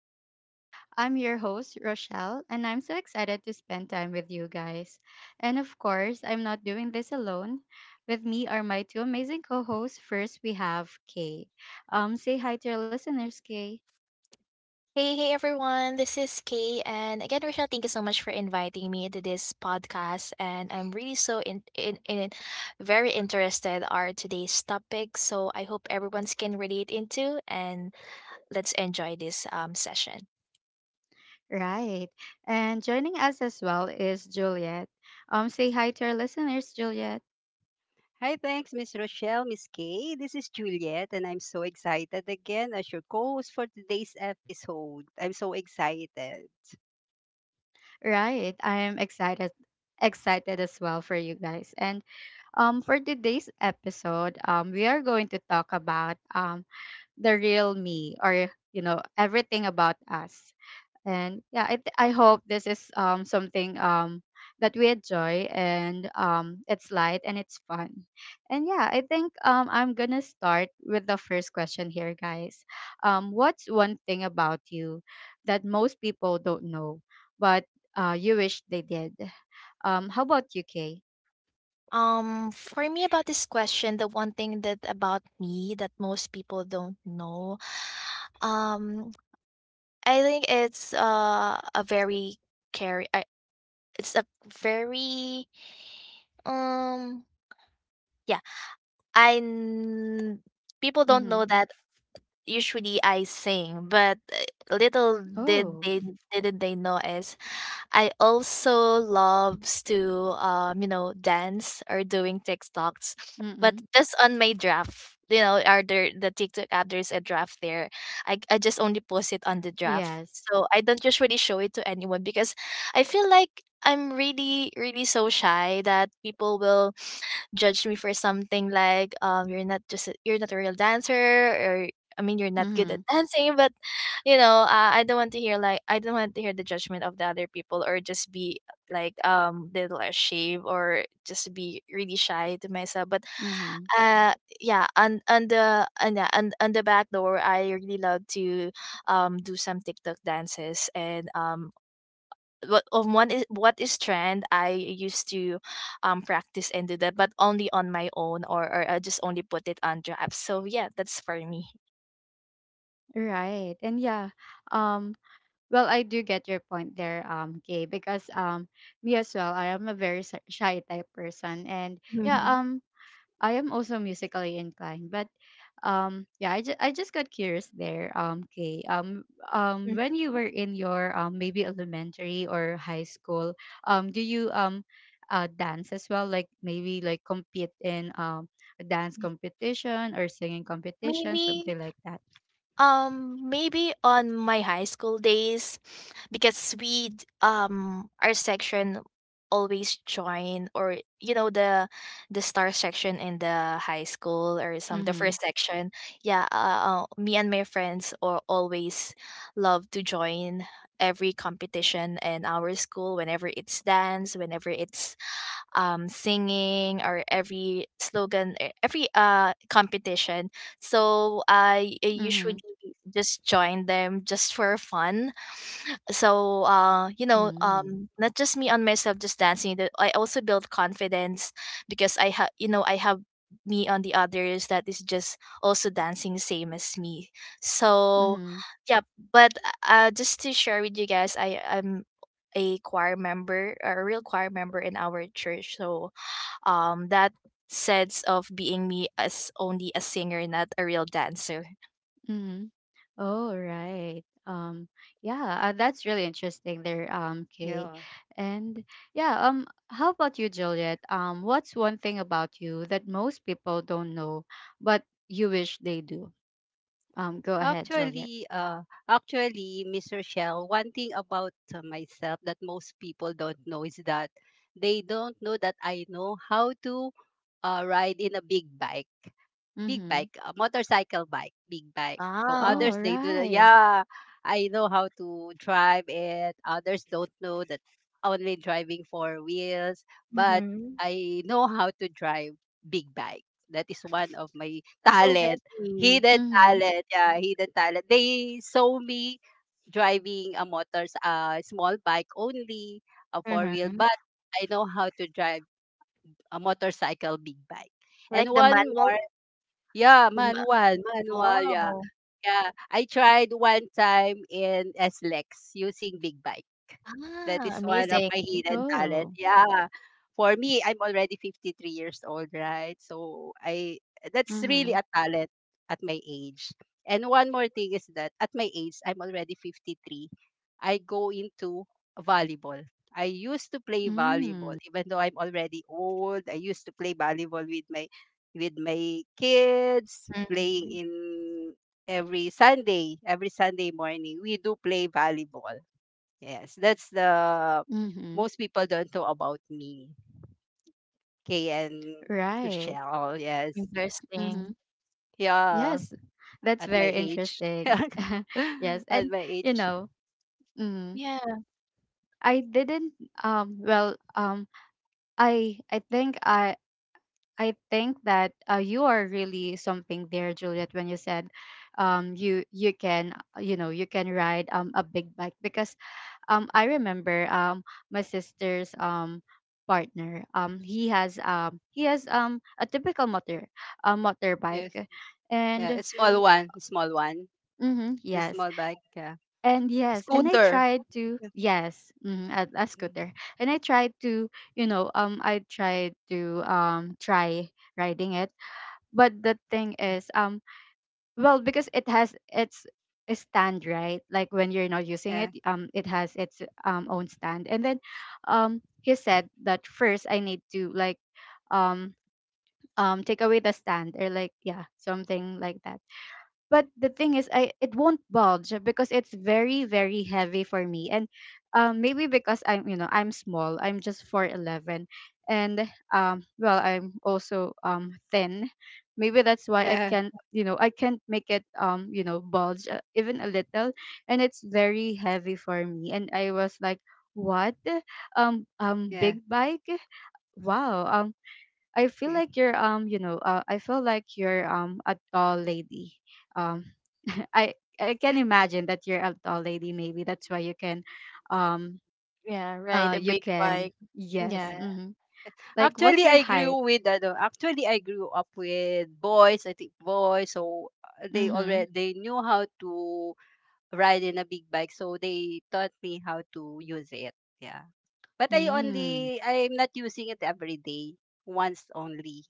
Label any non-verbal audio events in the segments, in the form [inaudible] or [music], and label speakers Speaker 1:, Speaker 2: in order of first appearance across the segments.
Speaker 1: talks. I'm your host, Rochelle, and I'm so excited to spend time with you guys. And of course, I'm not doing this alone. With me are my two amazing co hosts. First, we have Kay. Say hi to your listeners, Kay.
Speaker 2: Hey, hey everyone, this is Kay. And again, Rochelle, thank you so much for inviting me to this podcast. And I'm really so in very interested are today's topic. So I hope everyone can relate into and let's enjoy this session.
Speaker 1: Right. And joining us as well is Juliet. Say hi to our listeners, Juliet.
Speaker 3: Hi, thanks, Miss Rochelle, Miss Kay. This is Juliet, and I'm so excited again as your co-host for today's episode. I'm so excited.
Speaker 1: Right. I am excited as well for you guys. And for today's episode, we are going to talk about the real me, or you know, everything about us. And yeah, I hope this is something that we enjoy, and it's light and it's fun. And yeah, I think I'm gonna start with the first question here, guys. What's one thing about you that most people don't know, but you wish they did? How about you, Kay?
Speaker 2: For me about this question, the one thing that about me that most people don't know, um, I think it's a very carry, it's a very um yeah I n- people don't
Speaker 1: Mm-hmm.
Speaker 2: know that usually I sing, but little did
Speaker 1: Oh.
Speaker 2: they didn't they know is I also loves to dance or doing TikToks, but just on my draft. You know, are there the TikTok app? There's a draft there. I just only post it on the draft,
Speaker 1: Yes.
Speaker 2: so I don't usually show it to anyone because I feel like I'm really so shy that people will judged me for something like you're not a real dancer, or I mean you're not good at
Speaker 1: Mhm.
Speaker 2: [laughs] dancing. But you know, I don't want to hear, like I don't want to hear the judgment of the other people, or just be like little ashamed or just be really shy to myself. But
Speaker 1: Mhm.
Speaker 2: uh yeah, on the on, yeah, on the back door I really love to do some TikTok dances. And what on one is what is trend I used to practice and do that, but only on my own, or I just only put it on the app. So yeah, that's for me.
Speaker 1: Right. And yeah, um well, I do get your point there, Kay, because me as well, I am a very shy type person. And yeah,
Speaker 2: Mhm.
Speaker 1: I am also musically inclined, but yeah, I just got curious there, kay, when
Speaker 2: Mhm.
Speaker 1: you were in your maybe elementary or high school, do you dance as well, like maybe like compete in a dance competition or singing competition,
Speaker 2: Maybe.
Speaker 1: something like that?
Speaker 2: Maybe on my high school days, because our section always join, or you know, the star section in the high school, or some the
Speaker 1: Mm-hmm.
Speaker 2: first section. Yeah, me and my friends or always love to join every competition in our school, whenever it's dance, whenever it's singing or every slogan, every competition. So I usually
Speaker 1: Mm-hmm.
Speaker 2: just join them just for fun. So you know,
Speaker 1: Mm-hmm.
Speaker 2: not just me on myself just dancing, that I also build confidence because I have, you know, I have me on the others that is just also dancing same as me. So
Speaker 1: Mm-hmm.
Speaker 2: yeah. But just to share with you guys, I am a choir member, a real choir member in our church. So that sense of being me as only a singer, not a real dancer.
Speaker 1: Mm-hmm. Oh, right. Yeah, that's really interesting there, Kay.
Speaker 3: Yeah.
Speaker 1: And yeah, how about you, Juliet? What's one thing about you that most people don't know, but you wish they do? Go ahead, Juliet.
Speaker 3: Actually, uh, actually, Miss Rochelle, one thing about myself that most people don't know is that they don't know that I know how to ride in a big bike. Big
Speaker 1: Mm-hmm.
Speaker 3: bike, a motorcycle bike, big bike. So
Speaker 2: Wow.
Speaker 1: Oh,
Speaker 3: others they do that.
Speaker 1: right.
Speaker 3: Yeah, I know how to drive it. Others don't know that only driving four wheels, but
Speaker 2: Mm-hmm.
Speaker 3: I know how to drive big bike. That is one of my
Speaker 2: So
Speaker 3: talent,
Speaker 2: heavy.
Speaker 3: hidden
Speaker 1: Mm-hmm.
Speaker 3: talent. Yeah, hidden talent. They saw me driving a motors, a small bike only, a four wheel,
Speaker 2: Mm-hmm.
Speaker 3: but I know how to drive a motorcycle big bike. And
Speaker 2: Like the
Speaker 3: one
Speaker 2: manual.
Speaker 3: more yeah,
Speaker 2: The ma-
Speaker 3: manual, manual, yeah.
Speaker 2: wow.
Speaker 3: Yeah, I tried one time in SLEX using big bike. That
Speaker 2: Ah,
Speaker 3: is one of
Speaker 2: amazing.
Speaker 3: my hidden talent.
Speaker 1: Oh.
Speaker 3: Yeah. For me, I'm already 53 years old, right? So I that's really
Speaker 1: Mm-hmm.
Speaker 3: a talent at my age. And one more thing is that at my age, I'm already 53. I go into volleyball. I used to play volleyball,
Speaker 1: Mm.
Speaker 3: even though I'm already old. I used to play volleyball with my kids, playing
Speaker 2: Mm-hmm.
Speaker 3: in every Sunday morning. We do play volleyball. Yes, that's the
Speaker 1: Mm-hmm.
Speaker 3: most people don't know about me. Kay and
Speaker 1: Right.
Speaker 3: Rochelle, yes.
Speaker 1: Mm-hmm.
Speaker 2: Interesting.
Speaker 3: Yeah,
Speaker 1: Yes, that's
Speaker 3: at my
Speaker 1: very
Speaker 3: age. [laughs]
Speaker 1: interesting.
Speaker 3: At
Speaker 1: [laughs] Yes, and
Speaker 3: my
Speaker 1: you
Speaker 3: age.
Speaker 1: know, mm
Speaker 2: Yeah.
Speaker 1: I didn't well I I think I I think that, you are really something there, Juliet, when you said you can, you know, you can ride a big bike, because I remember my sister's partner, he has a typical motor, a motorbike.
Speaker 3: Yes. Yeah,
Speaker 1: And
Speaker 3: a small one, a small one.
Speaker 1: mm-hmm,
Speaker 3: The
Speaker 1: yes.
Speaker 3: small bag. Yeah.
Speaker 1: And
Speaker 3: Mm.
Speaker 1: yes, and I
Speaker 3: Scooter.
Speaker 1: tried to,
Speaker 3: Yeah.
Speaker 1: yes, a scooter.
Speaker 3: Mm.
Speaker 1: And I tried to, you know, I tried to try riding it. But the thing
Speaker 3: Yeah.
Speaker 1: is, well, because it has its a stand, right? Like, when you're not using it,
Speaker 3: Yeah,
Speaker 1: it has its own stand. And then, he said that first I need to like, um, take away the stand, or like, yeah, something like that. But the thing is, I it won't bulge because it's very heavy for me. And maybe because I'm, you know, I'm small, I'm just 411, and well, I'm also thin. Maybe that's why
Speaker 3: yes.
Speaker 1: I can't,
Speaker 3: Yeah,
Speaker 1: you know, I can't make it, you know, bulge, even a little. And it's very heavy for me, and I was like, what.
Speaker 3: yeah,
Speaker 1: Big bike, wow. I feel
Speaker 3: yeah,
Speaker 1: like you're, you know, I feel like you're a tall lady. Um
Speaker 3: Yes,
Speaker 1: [laughs] I I can imagine that you're a tall lady. Maybe that's why you can um
Speaker 2: Yeah. Right. A
Speaker 1: you
Speaker 2: big
Speaker 1: can,
Speaker 2: bike.
Speaker 1: yes.
Speaker 2: Yeah.
Speaker 3: correct.
Speaker 1: Mhm. Like, what's
Speaker 3: Actually,
Speaker 1: your
Speaker 3: I grew
Speaker 1: height?
Speaker 3: with ano, actually I grew up with boys, I think boys, so they
Speaker 1: Mhm.
Speaker 3: already they knew how to ride in a big bike, so they taught me how to use it. Yeah. But I
Speaker 1: Mm.
Speaker 3: only I'm not using it every day. Once only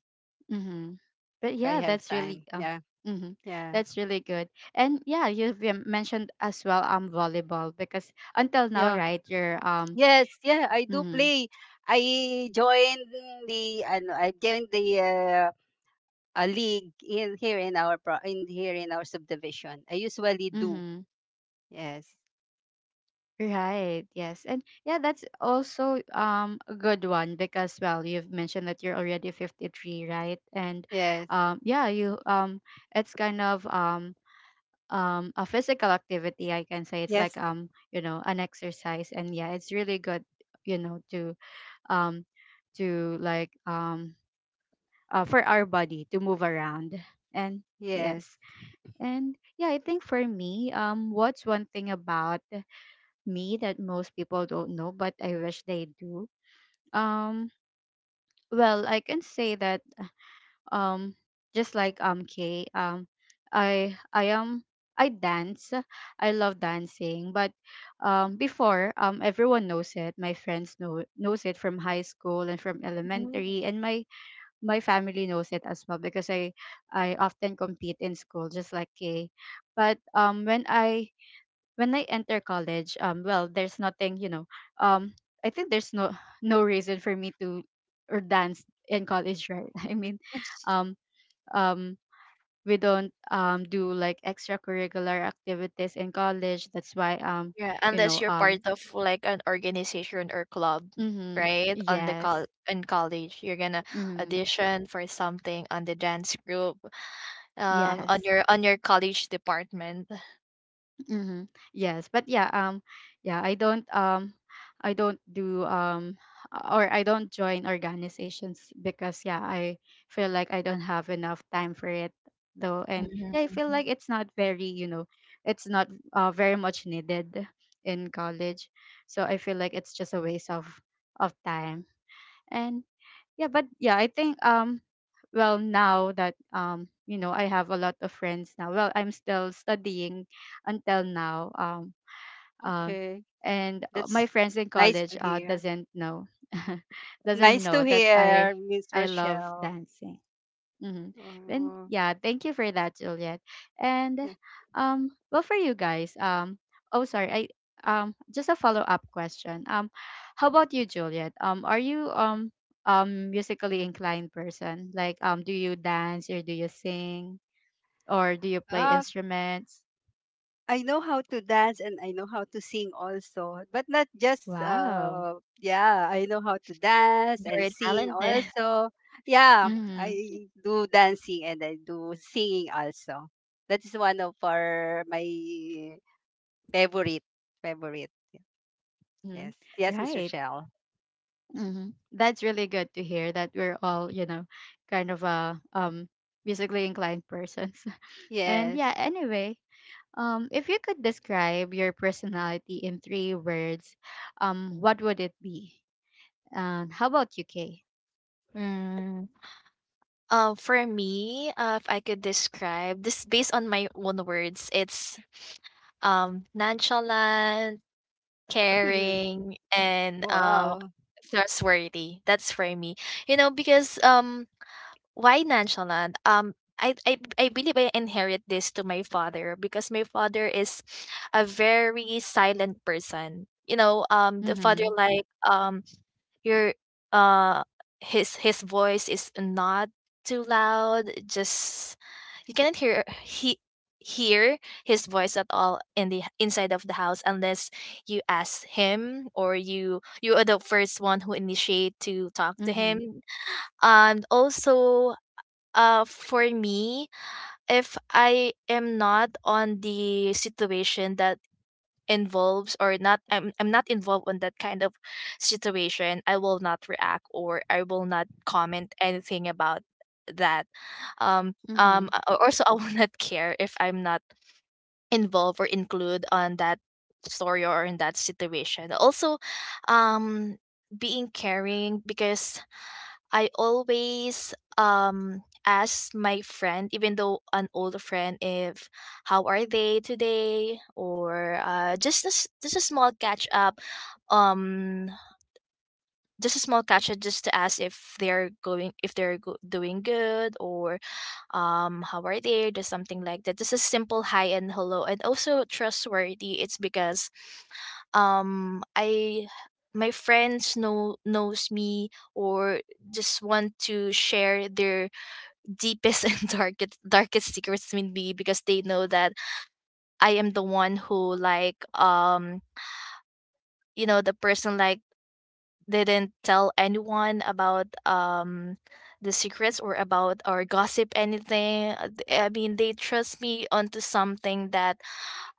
Speaker 1: Mhm. But
Speaker 3: if I
Speaker 1: yeah,
Speaker 3: have
Speaker 1: that's really
Speaker 3: time. Yeah.
Speaker 1: mhm.
Speaker 3: Yeah.
Speaker 1: That's really good. And yeah, you've, mentioned as well, volleyball, because until now,
Speaker 3: Yeah.
Speaker 1: right, you're
Speaker 3: Yes, yeah, I do
Speaker 1: mhm.
Speaker 3: play. I joined I joined the a league in here in our subdivision. I usually do.
Speaker 1: Mhm.
Speaker 3: Yes.
Speaker 1: Right. Yes. And yeah, that's also a good one, because, well, you've mentioned that you're already 53, right? And
Speaker 3: Yes.
Speaker 1: yeah, you it's kind of a physical activity, I can say. It's like,
Speaker 3: Yes.
Speaker 1: you know, an exercise. And yeah, it's really good, you know, um to like, for our body to move around. And yes.
Speaker 3: Yes.
Speaker 1: And yeah, I think for me, what's one thing about me that most people don't know, but I wish they do. Um, well, I can say that, um, just like, Kay, I am, I dance. I love dancing, but before, everyone knows it. My friends know knows it from high school and from
Speaker 2: Mm.
Speaker 1: elementary, and my family knows it as well, because I often compete in school, just like Kay. But when I enter college, well, there's nothing, you know, um, I think there's no [sighs] no reason for me to or dance in college, right? [laughs] I mean,
Speaker 2: [laughs]
Speaker 1: um, um, we don't do like extracurricular activities in college. That's why,
Speaker 2: Yeah.
Speaker 1: you
Speaker 2: Unless
Speaker 1: know,
Speaker 2: you're part of like an organization or club,
Speaker 1: mm-hmm,
Speaker 2: right? On the
Speaker 1: yes,
Speaker 2: col in college, you're gonna
Speaker 1: mm-hmm,
Speaker 2: audition for something on the dance group. On
Speaker 1: yes.
Speaker 2: your on your college department.
Speaker 1: Mm-hmm. Yes, but yeah, yeah, I don't do, or I don't join organizations, because yeah, I feel like I don't have enough time for it, though. And yeah, I feel
Speaker 2: Mhm.
Speaker 1: like it's not very, you know, it's not, very much needed in college, so I feel like it's just a waste of time. And. Yeah, but yeah, I think well, now that, you know, I have a lot of friends now. Well, I'm still studying until now. Uh
Speaker 3: Okay.
Speaker 1: and
Speaker 3: That's
Speaker 1: my friends in
Speaker 3: nice to
Speaker 1: college
Speaker 3: hear.
Speaker 1: doesn't know [laughs] doesn't
Speaker 3: Nice
Speaker 1: know
Speaker 3: to
Speaker 1: that I
Speaker 3: hear, Miss
Speaker 1: I love
Speaker 3: Rochelle.
Speaker 1: dancing. Mm-hmm. And
Speaker 3: Oh,
Speaker 1: yeah, thank you for that, Juliet. And
Speaker 3: yeah.
Speaker 1: well, for you guys, oh sorry, I just a follow up question. How about you, Juliet? Are you musically inclined person? Like, do you dance or do you sing or do you play instruments?
Speaker 3: I know how to dance and I know how to sing also, but not just
Speaker 1: Wow.
Speaker 3: yeah, I know how to dance and
Speaker 2: Very
Speaker 3: sing
Speaker 2: talented. [laughs]
Speaker 3: also. Yeah,
Speaker 1: Mm-hmm.
Speaker 3: I do dancing and I do singing also. That is one of our my favorite favorite.
Speaker 1: Mm-hmm.
Speaker 3: Yes. Yes, Mr.
Speaker 1: Right.
Speaker 3: Shell.
Speaker 1: Mm-hmm. That's really good to hear that we're all, you know, kind of a musically inclined [laughs] person. And
Speaker 3: Yes.
Speaker 1: yeah, anyway, if you could describe your personality in three words, what would it be? And how about you, Kay?
Speaker 2: Mm. For me, if I could describe this based on my own words, it's nonchalant,
Speaker 3: [laughs]
Speaker 2: caring, and
Speaker 3: Wow.
Speaker 2: trustworthy. That's for me. You know, because why nonchalant? I believe I inherit this to my father, because my father is a very silent person. You know, the father
Speaker 1: Mm-hmm.
Speaker 2: like your uh, his voice is not too loud. Just you cannot hear he hear his voice at all in the inside of the house, unless you ask him or you are the first one who initiate to talk to
Speaker 1: Mm-hmm.
Speaker 2: him. And also for me, if I am not on the situation that involves or not, I'm not involved in that kind of situation, I will not react, or I will not comment anything about that.
Speaker 1: Mm-hmm.
Speaker 2: Or also [laughs] I will not care if I'm not involved or include on that story or in that situation. Also, being caring, because I always ask my friend, even though an older friend, if how are they today, or just a small catch up, um just a small catch up, just to ask if they're going, if they're go- doing good, or how are they, just something like that, just a simple hi and hello. And also trustworthy, it's because I my friends knows me, or just want to share their deepest [laughs] and darkest secrets with me, because they know that I am the one who, like you know, the person like didn't tell anyone about the secrets or about or gossip anything. I mean, they trust me onto something that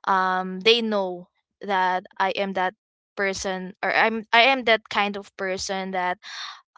Speaker 2: they know that I am that person, or I am that kind of person that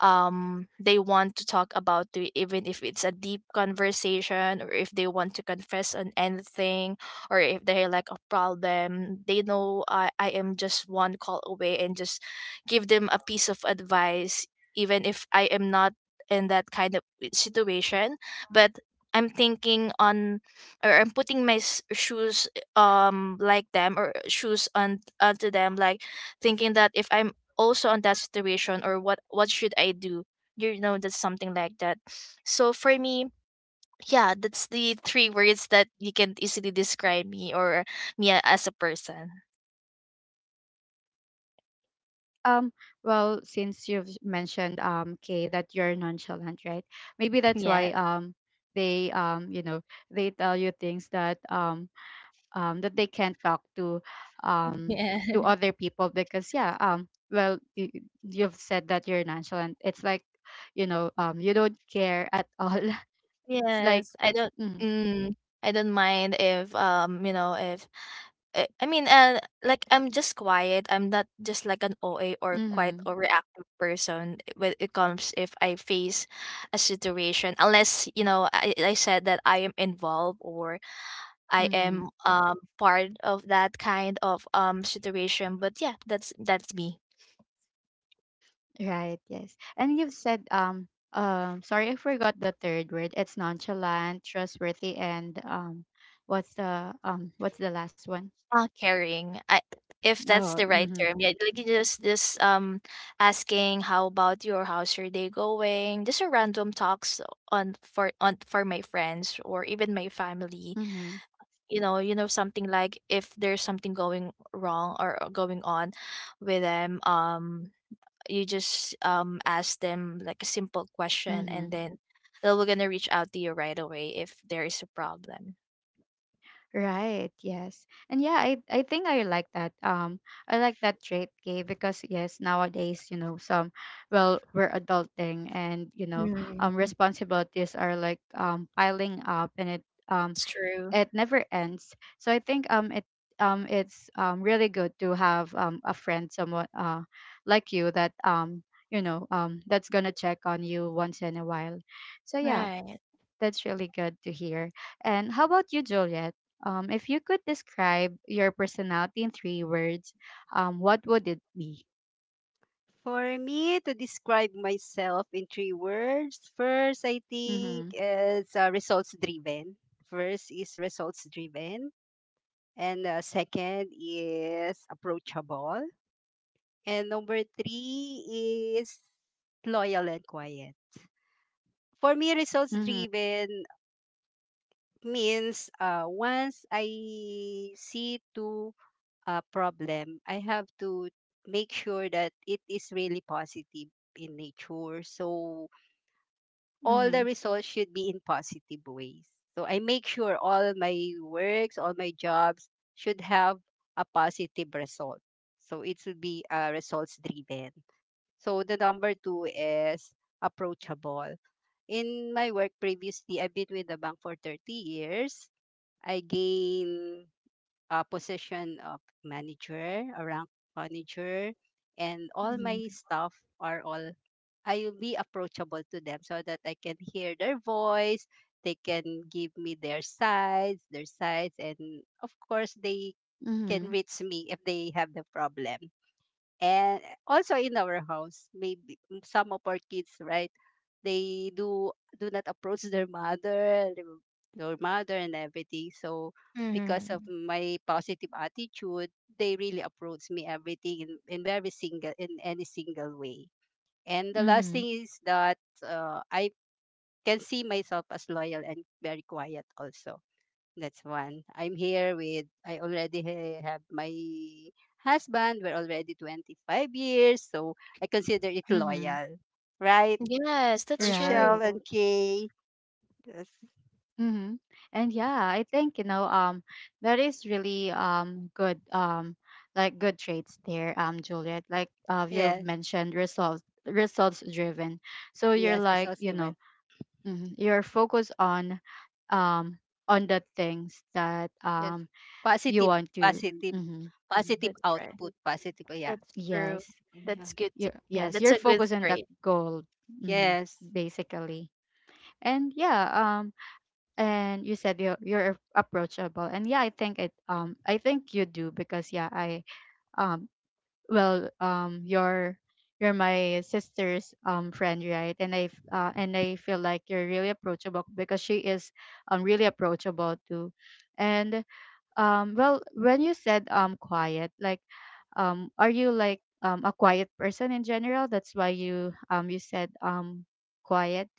Speaker 2: they want to talk about to, even if it's a deep conversation, or if they want to confess on anything, or if they like a problem, they know I am just one call away, and just give them a piece of advice, even if I am not in that kind of situation. But I'm thinking on, or I'm putting shoes like them, or shoes on onto them, like thinking that if I'm also on that situation, or what should I do, you know, that's something like that. So for me, yeah, that's the three words that you can easily describe me, or as a person.
Speaker 1: Um, well, since you've mentioned, Kay, that you're nonchalant, right? Maybe that's
Speaker 2: Yeah.
Speaker 1: why they you know, they tell you things that, that they can't talk to, um,
Speaker 2: Yeah.
Speaker 1: to
Speaker 2: [laughs]
Speaker 1: other people, because yeah, well, you, you've said that you're nonchalant, it's like, you know, you don't care at all. [laughs] It's like,
Speaker 2: Yes, I don't.
Speaker 1: mm,
Speaker 2: Mm, I don't mind if you know, if i, I mean uh, like I'm just quiet, I'm not just like an oa, or quite
Speaker 1: mm-hmm,
Speaker 2: or reactive person when it comes if I face a situation, unless you know I said that I am involved, or I
Speaker 1: mm-hmm,
Speaker 2: am part of that kind of situation. But yeah, that's me.
Speaker 1: right, yes. And you've said sorry, I forgot the third word. It's nonchalant, trustworthy, and what's the, what's the last one?
Speaker 2: Caring. I If that's
Speaker 1: Oh,
Speaker 2: the right
Speaker 1: mm-hmm,
Speaker 2: term. Yeah, like you just asking how about you, or how's your day going? Just a random talks on for my friends, or even my family.
Speaker 1: mm-hmm,
Speaker 2: You know, you know, something like if there's something going wrong or going on with them. You just ask them like a simple question,
Speaker 1: mm-hmm.
Speaker 2: and then they will gonna reach out to you right away if there is a problem.
Speaker 1: Right, yes. And yeah, I think I like that. I like that trait, Kay, because yes, nowadays, you know, some, well, we're adulting and, you know,
Speaker 2: Mm,
Speaker 1: responsibilities are like piling up, and it, um
Speaker 2: it's true.
Speaker 1: it never ends. So I think, it, it's, really good to have, a friend, someone, like you, that, you know, that's going to check on you once in a while. So yeah,
Speaker 2: Right.
Speaker 1: that's really good to hear. And how about you, Juliet? If you could describe your personality in three words, what would it be?
Speaker 3: For me to describe myself in three words, first I
Speaker 1: Mm-hmm.
Speaker 3: think is results driven. First is results driven, and second is approachable, and number three is loyal and quiet. For me, results
Speaker 1: Mm-hmm.
Speaker 3: driven means once I see to a problem, I have to make sure that it is really positive in nature. So all the
Speaker 1: Mm-hmm.
Speaker 3: results should be in positive ways. So I make sure all my works, all my jobs should have a positive result. So it should be results driven. So the number two is approachable. In my work previously, I've been with the bank for 30 years. I gain position of manager, a rank manager, and all my
Speaker 2: Mhm.
Speaker 3: staff are all I'll be approachable to them so that I can hear their voice. They can give me their sides, and of course they
Speaker 1: Mm-hmm.
Speaker 3: can reach me if they have the problem, and also in our house maybe some of our kids, right, they do do not approach their mother, and everything. So because of
Speaker 2: Mm.
Speaker 3: my positive attitude they really approach me everything in very single in any single way. And the last
Speaker 1: Mm-hmm.
Speaker 3: thing is that I can see myself as loyal and very quiet also. That's one. I'm here with, I already have my husband. We're already 25 years. So I consider it
Speaker 1: Mm-hmm.
Speaker 3: loyal. Right?
Speaker 2: Yes, that's
Speaker 3: Rochelle
Speaker 1: Right.
Speaker 2: true.
Speaker 3: and Kay. Yes.
Speaker 1: Mm-hmm. And yeah, I think, you know, that is really good, like good traits there, Juliet. Like, you've
Speaker 3: Yes.
Speaker 1: mentioned results driven. So you're
Speaker 3: Yes. That's
Speaker 1: like,
Speaker 3: also
Speaker 1: you
Speaker 3: one.
Speaker 1: know, mhm. You're focused on, um on the things that,
Speaker 3: Yes.
Speaker 1: you
Speaker 3: Positive,
Speaker 1: want to.
Speaker 3: positive,
Speaker 1: Hmm.
Speaker 3: Positive
Speaker 2: That's right.
Speaker 3: output, positive. Yeah.
Speaker 2: That's true.
Speaker 1: Yes.
Speaker 3: Yeah.
Speaker 2: That's good. To,
Speaker 1: You're,
Speaker 2: yeah,
Speaker 1: yes,
Speaker 2: that's
Speaker 1: you're
Speaker 2: a good
Speaker 1: focused on the
Speaker 2: trait.
Speaker 1: goal. Hmm.
Speaker 3: Yes.
Speaker 1: Basically. And yeah, and you said you're approachable. And yeah, I think it, I think you do, because yeah, I, um well, you're my sister's friend, right? And I feel like you're really approachable because she is really approachable too. And well, when you said quiet, like, are you like a quiet person in general, that's why you, you said quiet?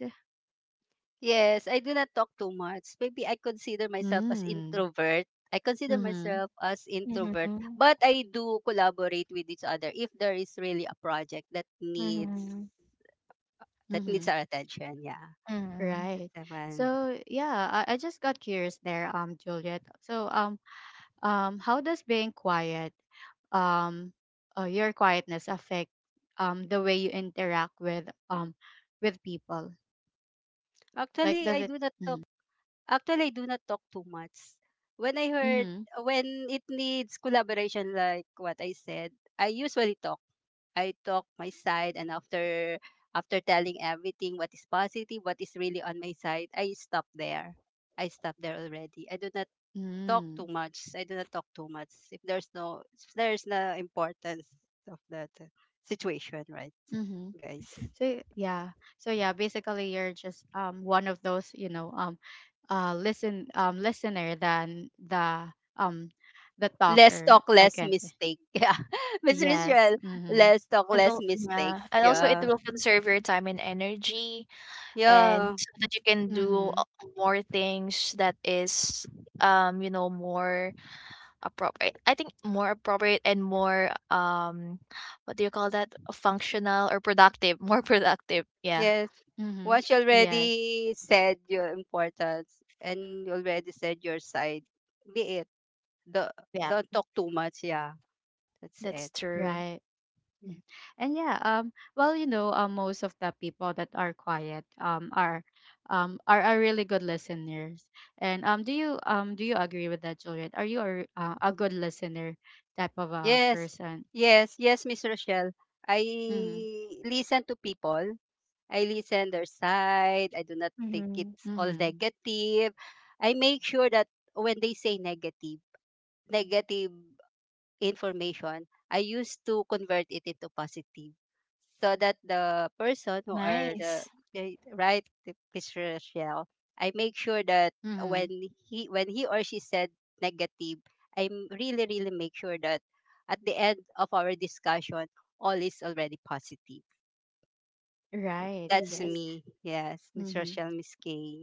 Speaker 3: Yes, I do not talk too much. Maybe I consider myself as
Speaker 1: Mm.
Speaker 3: introvert. I consider
Speaker 1: Mm-hmm.
Speaker 3: myself as introvert,
Speaker 2: Mhm,
Speaker 3: but I do collaborate with each other if there is really a project that needs
Speaker 2: mhm,
Speaker 3: that needs
Speaker 1: Mm-hmm.
Speaker 3: our attention. Yeah,
Speaker 2: mhm.
Speaker 3: that's
Speaker 1: Right.
Speaker 3: the one.
Speaker 1: So yeah, I just got curious there, Juliet, so, how does being quiet, um, your quietness affect the way you interact with, with people? Like,
Speaker 3: Actually, I
Speaker 1: does it?
Speaker 3: do not talk.
Speaker 1: Mm-hmm.
Speaker 3: Actually, I do not talk too much. When I heard
Speaker 1: Mm-hmm.
Speaker 3: When it needs collaboration, like what I said, I usually talk. I talk my side, and after telling everything what is positive, what is really on my side, I stop there. I stop there already. I do not talk too
Speaker 1: Mm.
Speaker 3: much. I do not talk too much if there's no importance of that situation, right,
Speaker 1: Mm-hmm.
Speaker 3: guys?
Speaker 1: So yeah, so yeah, basically you're just one of those, you know, listener than the, um the
Speaker 3: Less
Speaker 1: talker,
Speaker 3: talk,
Speaker 1: I
Speaker 3: less
Speaker 1: can say.
Speaker 3: mistake. [laughs] Yeah, Miss
Speaker 1: Yes.
Speaker 3: Rachel,
Speaker 1: Mm-hmm.
Speaker 3: less talk,
Speaker 2: And
Speaker 3: less mistake.
Speaker 2: yeah, and also it
Speaker 3: Yeah,
Speaker 2: will conserve your time and energy, and
Speaker 3: yeah,
Speaker 2: so that you can
Speaker 3: y-
Speaker 2: do
Speaker 1: Mm-hmm.
Speaker 2: more things that is you know, more appropriate, and more what do you call that, functional or productive [laughs] more productive. Yeah.
Speaker 3: yes.
Speaker 1: Mm-hmm.
Speaker 3: Once you
Speaker 1: Yes.
Speaker 3: already said your importance and you already said your side, be it. Do,
Speaker 2: Yeah,
Speaker 3: don't talk too much. Yeah, that's it.
Speaker 2: that's true.
Speaker 1: Right.
Speaker 3: Yeah.
Speaker 1: Mm. And yeah, well, you know, most of the people that are quiet, are, are really good listeners. And do you agree with that, Juliet? Are you a good listener type of a
Speaker 3: Yes,
Speaker 1: person?
Speaker 3: yes, Miss Rochelle. I
Speaker 1: Mm-hmm.
Speaker 3: listen to people. I listen their side. I do not think
Speaker 2: Mm-hmm.
Speaker 3: it's all
Speaker 1: Mm-hmm.
Speaker 3: negative. I make sure that when they say negative information, I used to convert it into positive, so that the person who are
Speaker 2: Nice.
Speaker 3: right the Miss Rochelle, I make sure that
Speaker 1: Mm-hmm.
Speaker 3: when when he or she said negative, I really really make sure that at the end of our discussion, all is already positive.
Speaker 1: Right.
Speaker 3: That's Yes.
Speaker 1: Yes.
Speaker 3: me. Yes, Miss
Speaker 1: Mm-hmm.
Speaker 3: Rochelle, Miss Kay.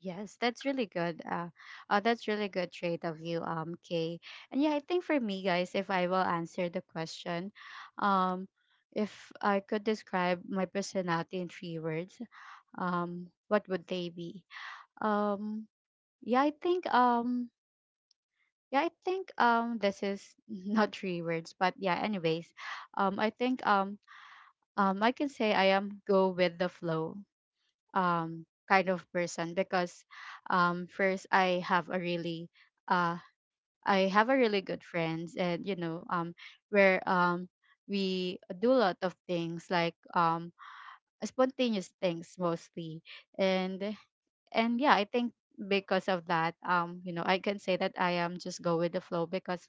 Speaker 1: Yes, that's really good. That's really good trait of you, Kay. And yeah, I think for me, guys, if I will answer the question, um, if I could describe my personality in three words, what would they be? Um, yeah, I think, um, yeah, I think, this is [laughs] not three words, but yeah, anyways, um, I think, um, I can say I am go with the flow kind of person because first I have a really uh I have a really good friends, and you know, where we do a lot of things like spontaneous things mostly. And and yeah, I think because of that, you know, I can say that I am just go with the flow because,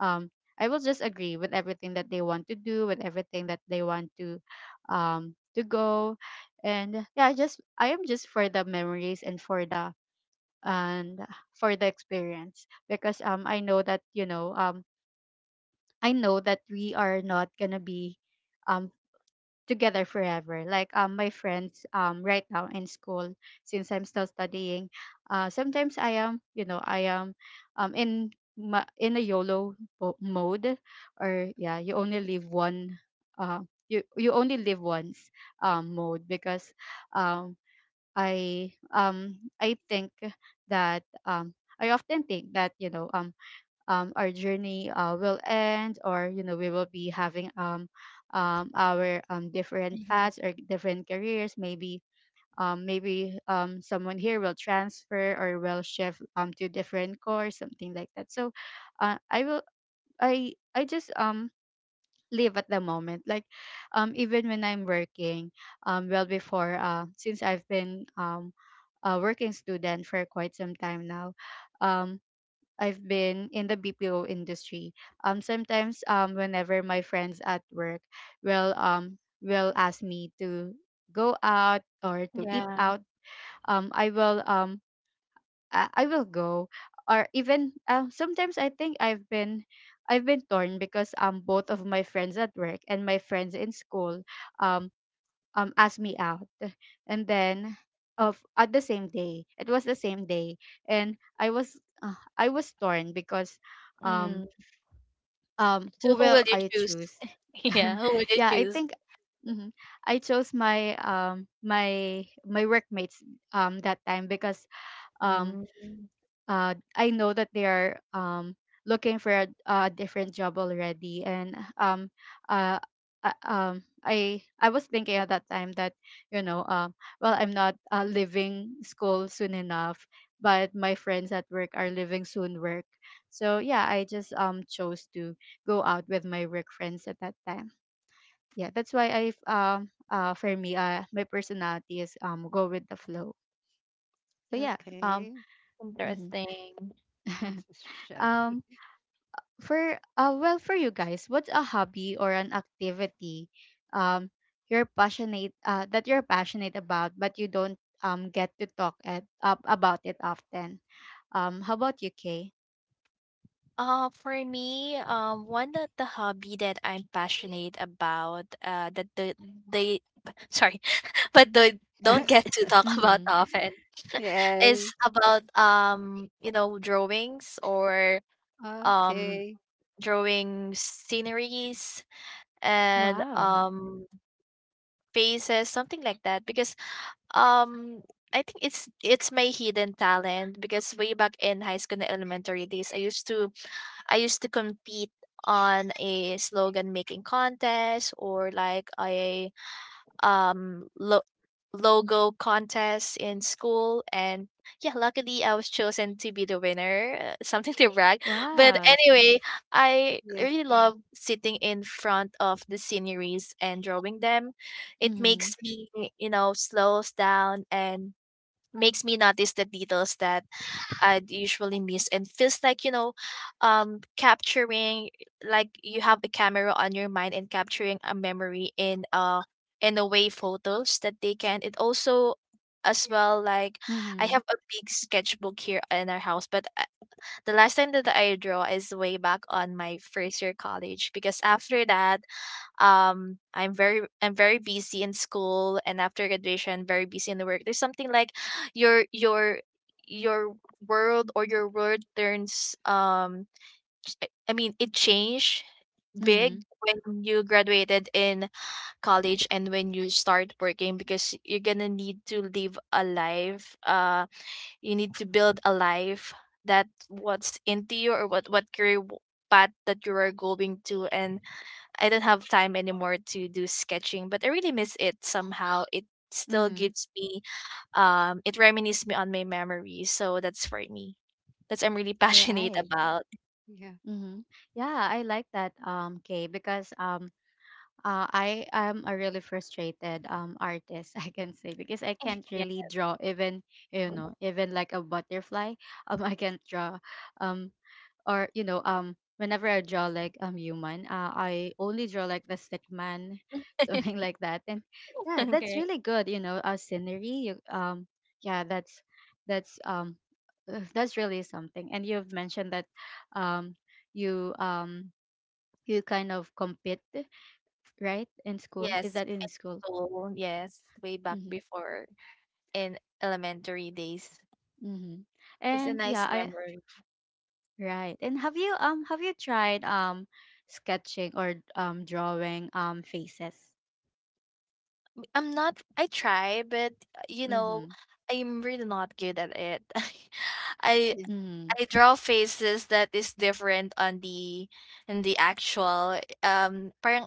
Speaker 1: um, I will just agree with everything that they want to do, with everything that they want to, to go, and yeah, I am just for the memories and for the, and for the experience because I know that, you know, I know that we are not gonna be um together forever. Like, my friends, right now in school, since I'm still studying, sometimes I am, you know, I am um in in a YOLO mode, or yeah, you only live one uh you only live once mode, because um I think that, I often think that, you know, our journey will end, or you know, we will be having our different
Speaker 2: Mm-hmm.
Speaker 1: paths or different careers maybe. Maybe someone here will transfer or will shift to different course, something like that. So I will, i just live at the moment, like, even when I'm working. Well before Since I've been a working student for quite some time now. um. I've been in the BPO industry. Sometimes, whenever my friends at work will ask me to go out or to eat
Speaker 2: Yeah.
Speaker 1: out, I will I will go. Or even, sometimes I think I've been torn because both of my friends at work and my friends in school um asked me out, and then of at the same day, it was the same day, and I was torn because um
Speaker 2: Mm. So
Speaker 1: who
Speaker 2: who
Speaker 1: will
Speaker 2: will you
Speaker 1: I
Speaker 2: choose?
Speaker 1: choose?
Speaker 2: [laughs] Yeah,
Speaker 1: [laughs]
Speaker 2: who will you
Speaker 1: Yeah, I
Speaker 2: choose?
Speaker 1: think, mhm, I chose my my workmates that time because, um
Speaker 2: Mm.
Speaker 1: I know that they are, looking for a different job already, and, uh, I was thinking at that time that, you know, well, I'm not leaving school soon enough, but my friends at work are leaving soon work. So yeah, I just chose to go out with my work friends at that time. Yeah, that's why I, for me, my personality is go with the flow. So yeah. um
Speaker 3: Okay.
Speaker 1: mhm.
Speaker 2: Interesting.
Speaker 3: Yes,
Speaker 1: [laughs]
Speaker 3: Miss Rochelle.
Speaker 1: um for, for you guys, what's a hobby or an activity um you're passionate, that you're passionate about, but you don't get to talk at up about it often? How about you, Kay?
Speaker 2: For me, one of the hobby that I'm passionate about, they, [laughs] sorry, [laughs] but the don't
Speaker 3: [laughs]
Speaker 2: get to talk about
Speaker 1: Mm-hmm.
Speaker 2: often, [laughs] is
Speaker 3: Yes.
Speaker 2: about you know, drawings, or um,
Speaker 3: Okay.
Speaker 2: drawing sceneries and
Speaker 1: Wow.
Speaker 2: faces, something like that. Because um, I think it's my hidden talent. Because way back in high school and elementary days, I used to compete on a slogan making contest, or like a um lo- logo contest in school. And yeah, luckily I was chosen to be the winner, [laughs] something to brag [laughs] but
Speaker 1: Wow.
Speaker 2: anyway, I
Speaker 3: Yes.
Speaker 2: really love sitting in front of the sceneries and drawing them. It
Speaker 1: Mm-hmm.
Speaker 2: makes me, you know, slows down, and makes me notice the details that I'd usually miss, and feels like, you know, capturing, like you have a camera on your mind and capturing a memory in a way photos that they can. It also as well like I
Speaker 1: Mm-hmm.
Speaker 2: have a big sketchbook here in our house, but the last time that I draw is way back on my first year college, because after that I'm very, I'm very busy in school, and after graduation very busy in the work. There's something like [gasps] your your your world, or your world turns ch- I mean it changed big
Speaker 1: Mm-hmm.
Speaker 2: when you graduated in college, and when you start working, because you're gonna need to live a life, you need to build a life that what's into you, or what career path that you are going to. And I don't have time anymore to do sketching, but I really miss it somehow. It still
Speaker 1: Mm-hmm.
Speaker 2: gives me it reminisces me on my memories. So that's for me. That's I'm really [laughs] passionate
Speaker 1: Right.
Speaker 2: about.
Speaker 3: Yeah.
Speaker 1: Mm-hmm. Yeah, I like that, Kay, because, uh, I am a really frustrated artist, [laughs] I can say, because I can't
Speaker 2: Yeah.
Speaker 1: really draw, even you know, even like a butterfly. I can't draw, um, or you know, whenever I draw like human, I only draw like the stick man, [laughs] something like that. And yeah, that's really good, you know, scenery. You, yeah, that's that's um that's really something. And you've mentioned that, um, you you kind of compete, right? In school, is
Speaker 2: Yes,
Speaker 1: that in school?
Speaker 2: school. Yes, way back
Speaker 1: Mm-hmm.
Speaker 2: before in elementary days.
Speaker 1: Mm-hmm.
Speaker 2: It's a
Speaker 1: And
Speaker 2: nice
Speaker 1: yeah, I,
Speaker 2: memory.
Speaker 1: right. And have you tried sketching or drawing faces?
Speaker 2: I'm not I try, but, you know,
Speaker 1: Mm-hmm.
Speaker 2: I'm really not good at it. [laughs] I
Speaker 3: Yes.
Speaker 1: Mm-hmm.
Speaker 2: I draw faces that is different on the in the actual, parang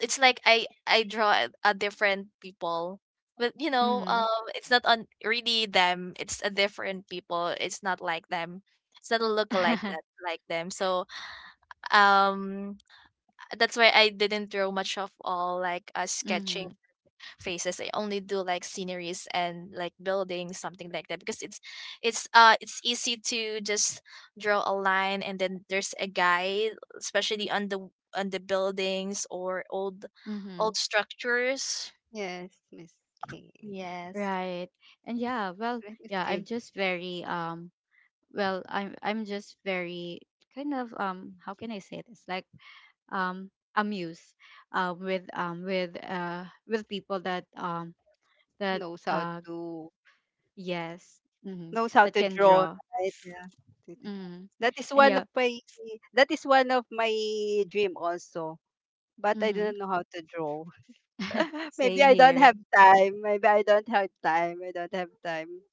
Speaker 2: it's like I draw a different people. But, you know,
Speaker 1: Mm-hmm.
Speaker 2: it's not on really them, it's a different people, it's not like them. It's not a look-alike
Speaker 1: [laughs]
Speaker 2: that like them. So, um, that's why I didn't draw much of all, like, sketching
Speaker 1: Mm-hmm.
Speaker 2: faces. I only do like sceneries and like buildings, something like that, because it's easy to just draw a line and then there's a guide, especially on the buildings, or old
Speaker 1: Mm-hmm.
Speaker 2: old structures.
Speaker 3: Yes, Miss Kay.
Speaker 2: Yes,
Speaker 1: Right. And yeah, well,
Speaker 3: Right, Miss
Speaker 1: yeah, I'm
Speaker 3: Kay
Speaker 1: just very, I'm just very kind of, how can I say this? Like, um amused with, with, with people that, that
Speaker 3: knows how
Speaker 1: uh
Speaker 3: to
Speaker 1: yes. Mm-hmm.
Speaker 3: knows how
Speaker 1: That
Speaker 3: to
Speaker 1: can
Speaker 3: draw,
Speaker 1: draw.
Speaker 3: right? Yeah.
Speaker 1: Mm-hmm.
Speaker 3: That is
Speaker 1: And
Speaker 3: one
Speaker 1: yeah.
Speaker 3: of my that is one of my dream also. But I
Speaker 1: Mm-hmm.
Speaker 3: don't know how to draw. [laughs]
Speaker 1: Same here.
Speaker 3: Maybe I don't have time. I don't have time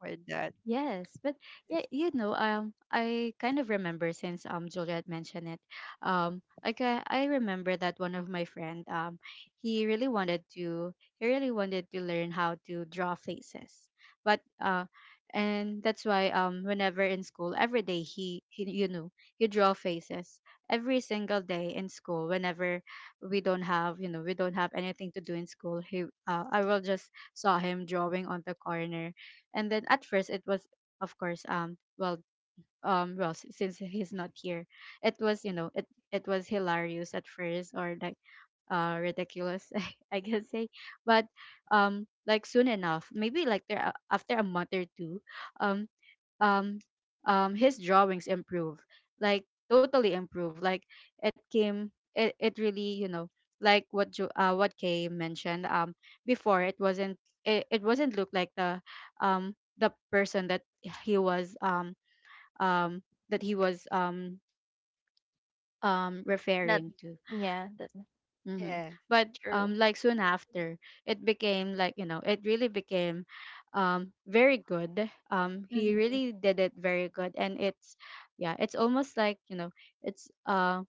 Speaker 3: for that.
Speaker 1: Yes, but
Speaker 3: Yes.
Speaker 1: yeah, you know, I kind of remember since Juliet mentioned it, like I remember that one of my friend, he really wanted to, he really wanted to learn how to draw faces, but and that's why whenever in school every day he, you know, he draw faces every single day in school, whenever we don't have, you know, we don't have anything to do in school, he, I will just saw him drawing on the corner. And then at first it was, of course, since [laughs] he's not here, it was, you know, it was hilarious at first, or like ridiculous, [laughs] I can say. But like soon enough, maybe like after a month or two, um um his drawings improve, like totally improve, like it came it really, you know, like what what Kay mentioned. Before, it wasn't, it wasn't look like the person that he was, um that he was
Speaker 2: not
Speaker 1: referring to.
Speaker 2: yeah, that's
Speaker 1: Mm-hmm.
Speaker 3: Yeah.
Speaker 1: But
Speaker 2: true.
Speaker 1: like soon after, it became, like, you know, it really became, very good. He
Speaker 2: Mm-hmm.
Speaker 1: really did it very good, and it's, yeah, it's almost like, you know, it's um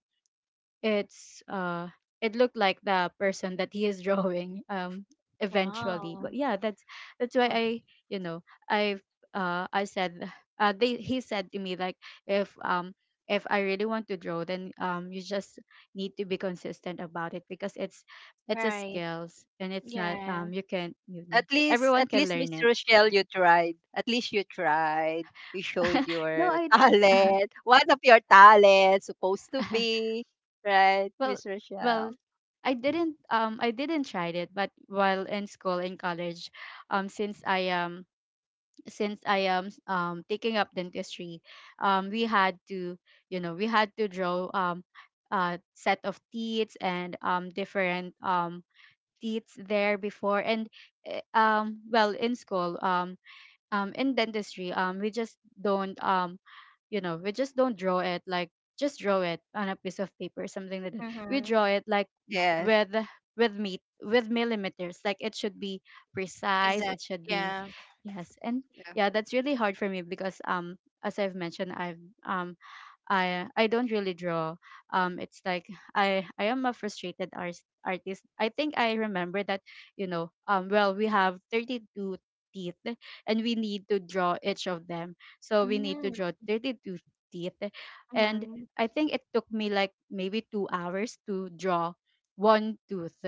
Speaker 1: it's uh it looked like the person that he is [laughs] drawing, eventually.
Speaker 2: Wow.
Speaker 1: But yeah, that's why
Speaker 3: Well,
Speaker 1: i, you know, i've I said, they he said to me, like, if um if I really want to draw, then you just need to be consistent about it, because it's a
Speaker 2: Right.
Speaker 1: skills, and it's not
Speaker 2: Yeah.
Speaker 1: you can, you know, everyone
Speaker 3: At
Speaker 1: can
Speaker 3: least Miss
Speaker 1: learn it.
Speaker 3: Rochelle you tried. At least you tried. You showed
Speaker 1: [laughs] No,
Speaker 3: your
Speaker 1: I.
Speaker 3: [laughs] talent. One of your talents supposed to
Speaker 1: [laughs]
Speaker 3: be. Right,
Speaker 1: Well,
Speaker 3: Miss
Speaker 1: well,
Speaker 3: Rochelle?
Speaker 1: I didn't try it, but while in school in college, um since I um since I am taking up dentistry, we had to, you know, we had to draw a set of teeth, and different teeth there before. And well, in school, in dentistry, we just don't, you know, we just don't draw it, like, just draw it on a piece of paper, something like that. We
Speaker 2: Mm-hmm.
Speaker 1: draw it like
Speaker 3: Yes.
Speaker 1: with with meat, with millimeters, like it should be precise,
Speaker 2: Exactly.
Speaker 1: it should be,
Speaker 2: Yeah.
Speaker 1: yes. And
Speaker 3: Yeah.
Speaker 1: yeah, that's really hard for me because, as I've mentioned, I don't really draw. It's like I am a frustrated artist. I think I remember that, you know, well, we have 32 teeth, and we need to draw each of them. So we need to draw
Speaker 2: Mm-hmm.
Speaker 1: 32 teeth, and I think it took me like maybe 2 hours to draw one tooth.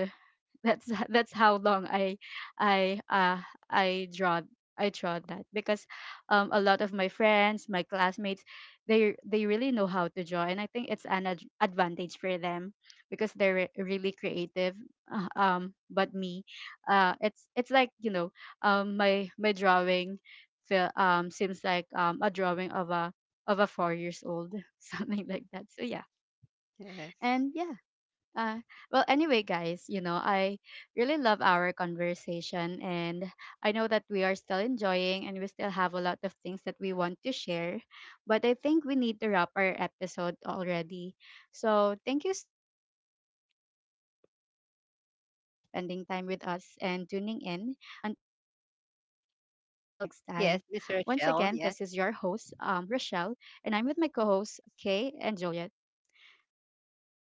Speaker 1: That's [laughs] that's how long I, I uh I draw, I draw that, because, a lot of my friends, my classmates, they really know how to draw, and I think it's an advantage for them, because they're really creative. Um, but me, it's like, you know, my my drawing feel, seems like a drawing of a 4 years old, [laughs] something like that. So yeah.
Speaker 3: Yes.
Speaker 1: And yeah, uh, well, anyway, guys, you know, I really love our conversation, and I know that we are still enjoying and we still have a lot of things that we want to share. But I think we need to wrap our episode already. So, thank you so much for spending time with us and tuning in. Until next time. Once again, this is your host, Rochelle, and
Speaker 3: Yes,
Speaker 1: I'm with
Speaker 3: Miss
Speaker 1: my co
Speaker 3: Rochelle.
Speaker 1: hosts,
Speaker 3: Yes.
Speaker 1: Kay and Juliet. Bye for now.
Speaker 3: Bye.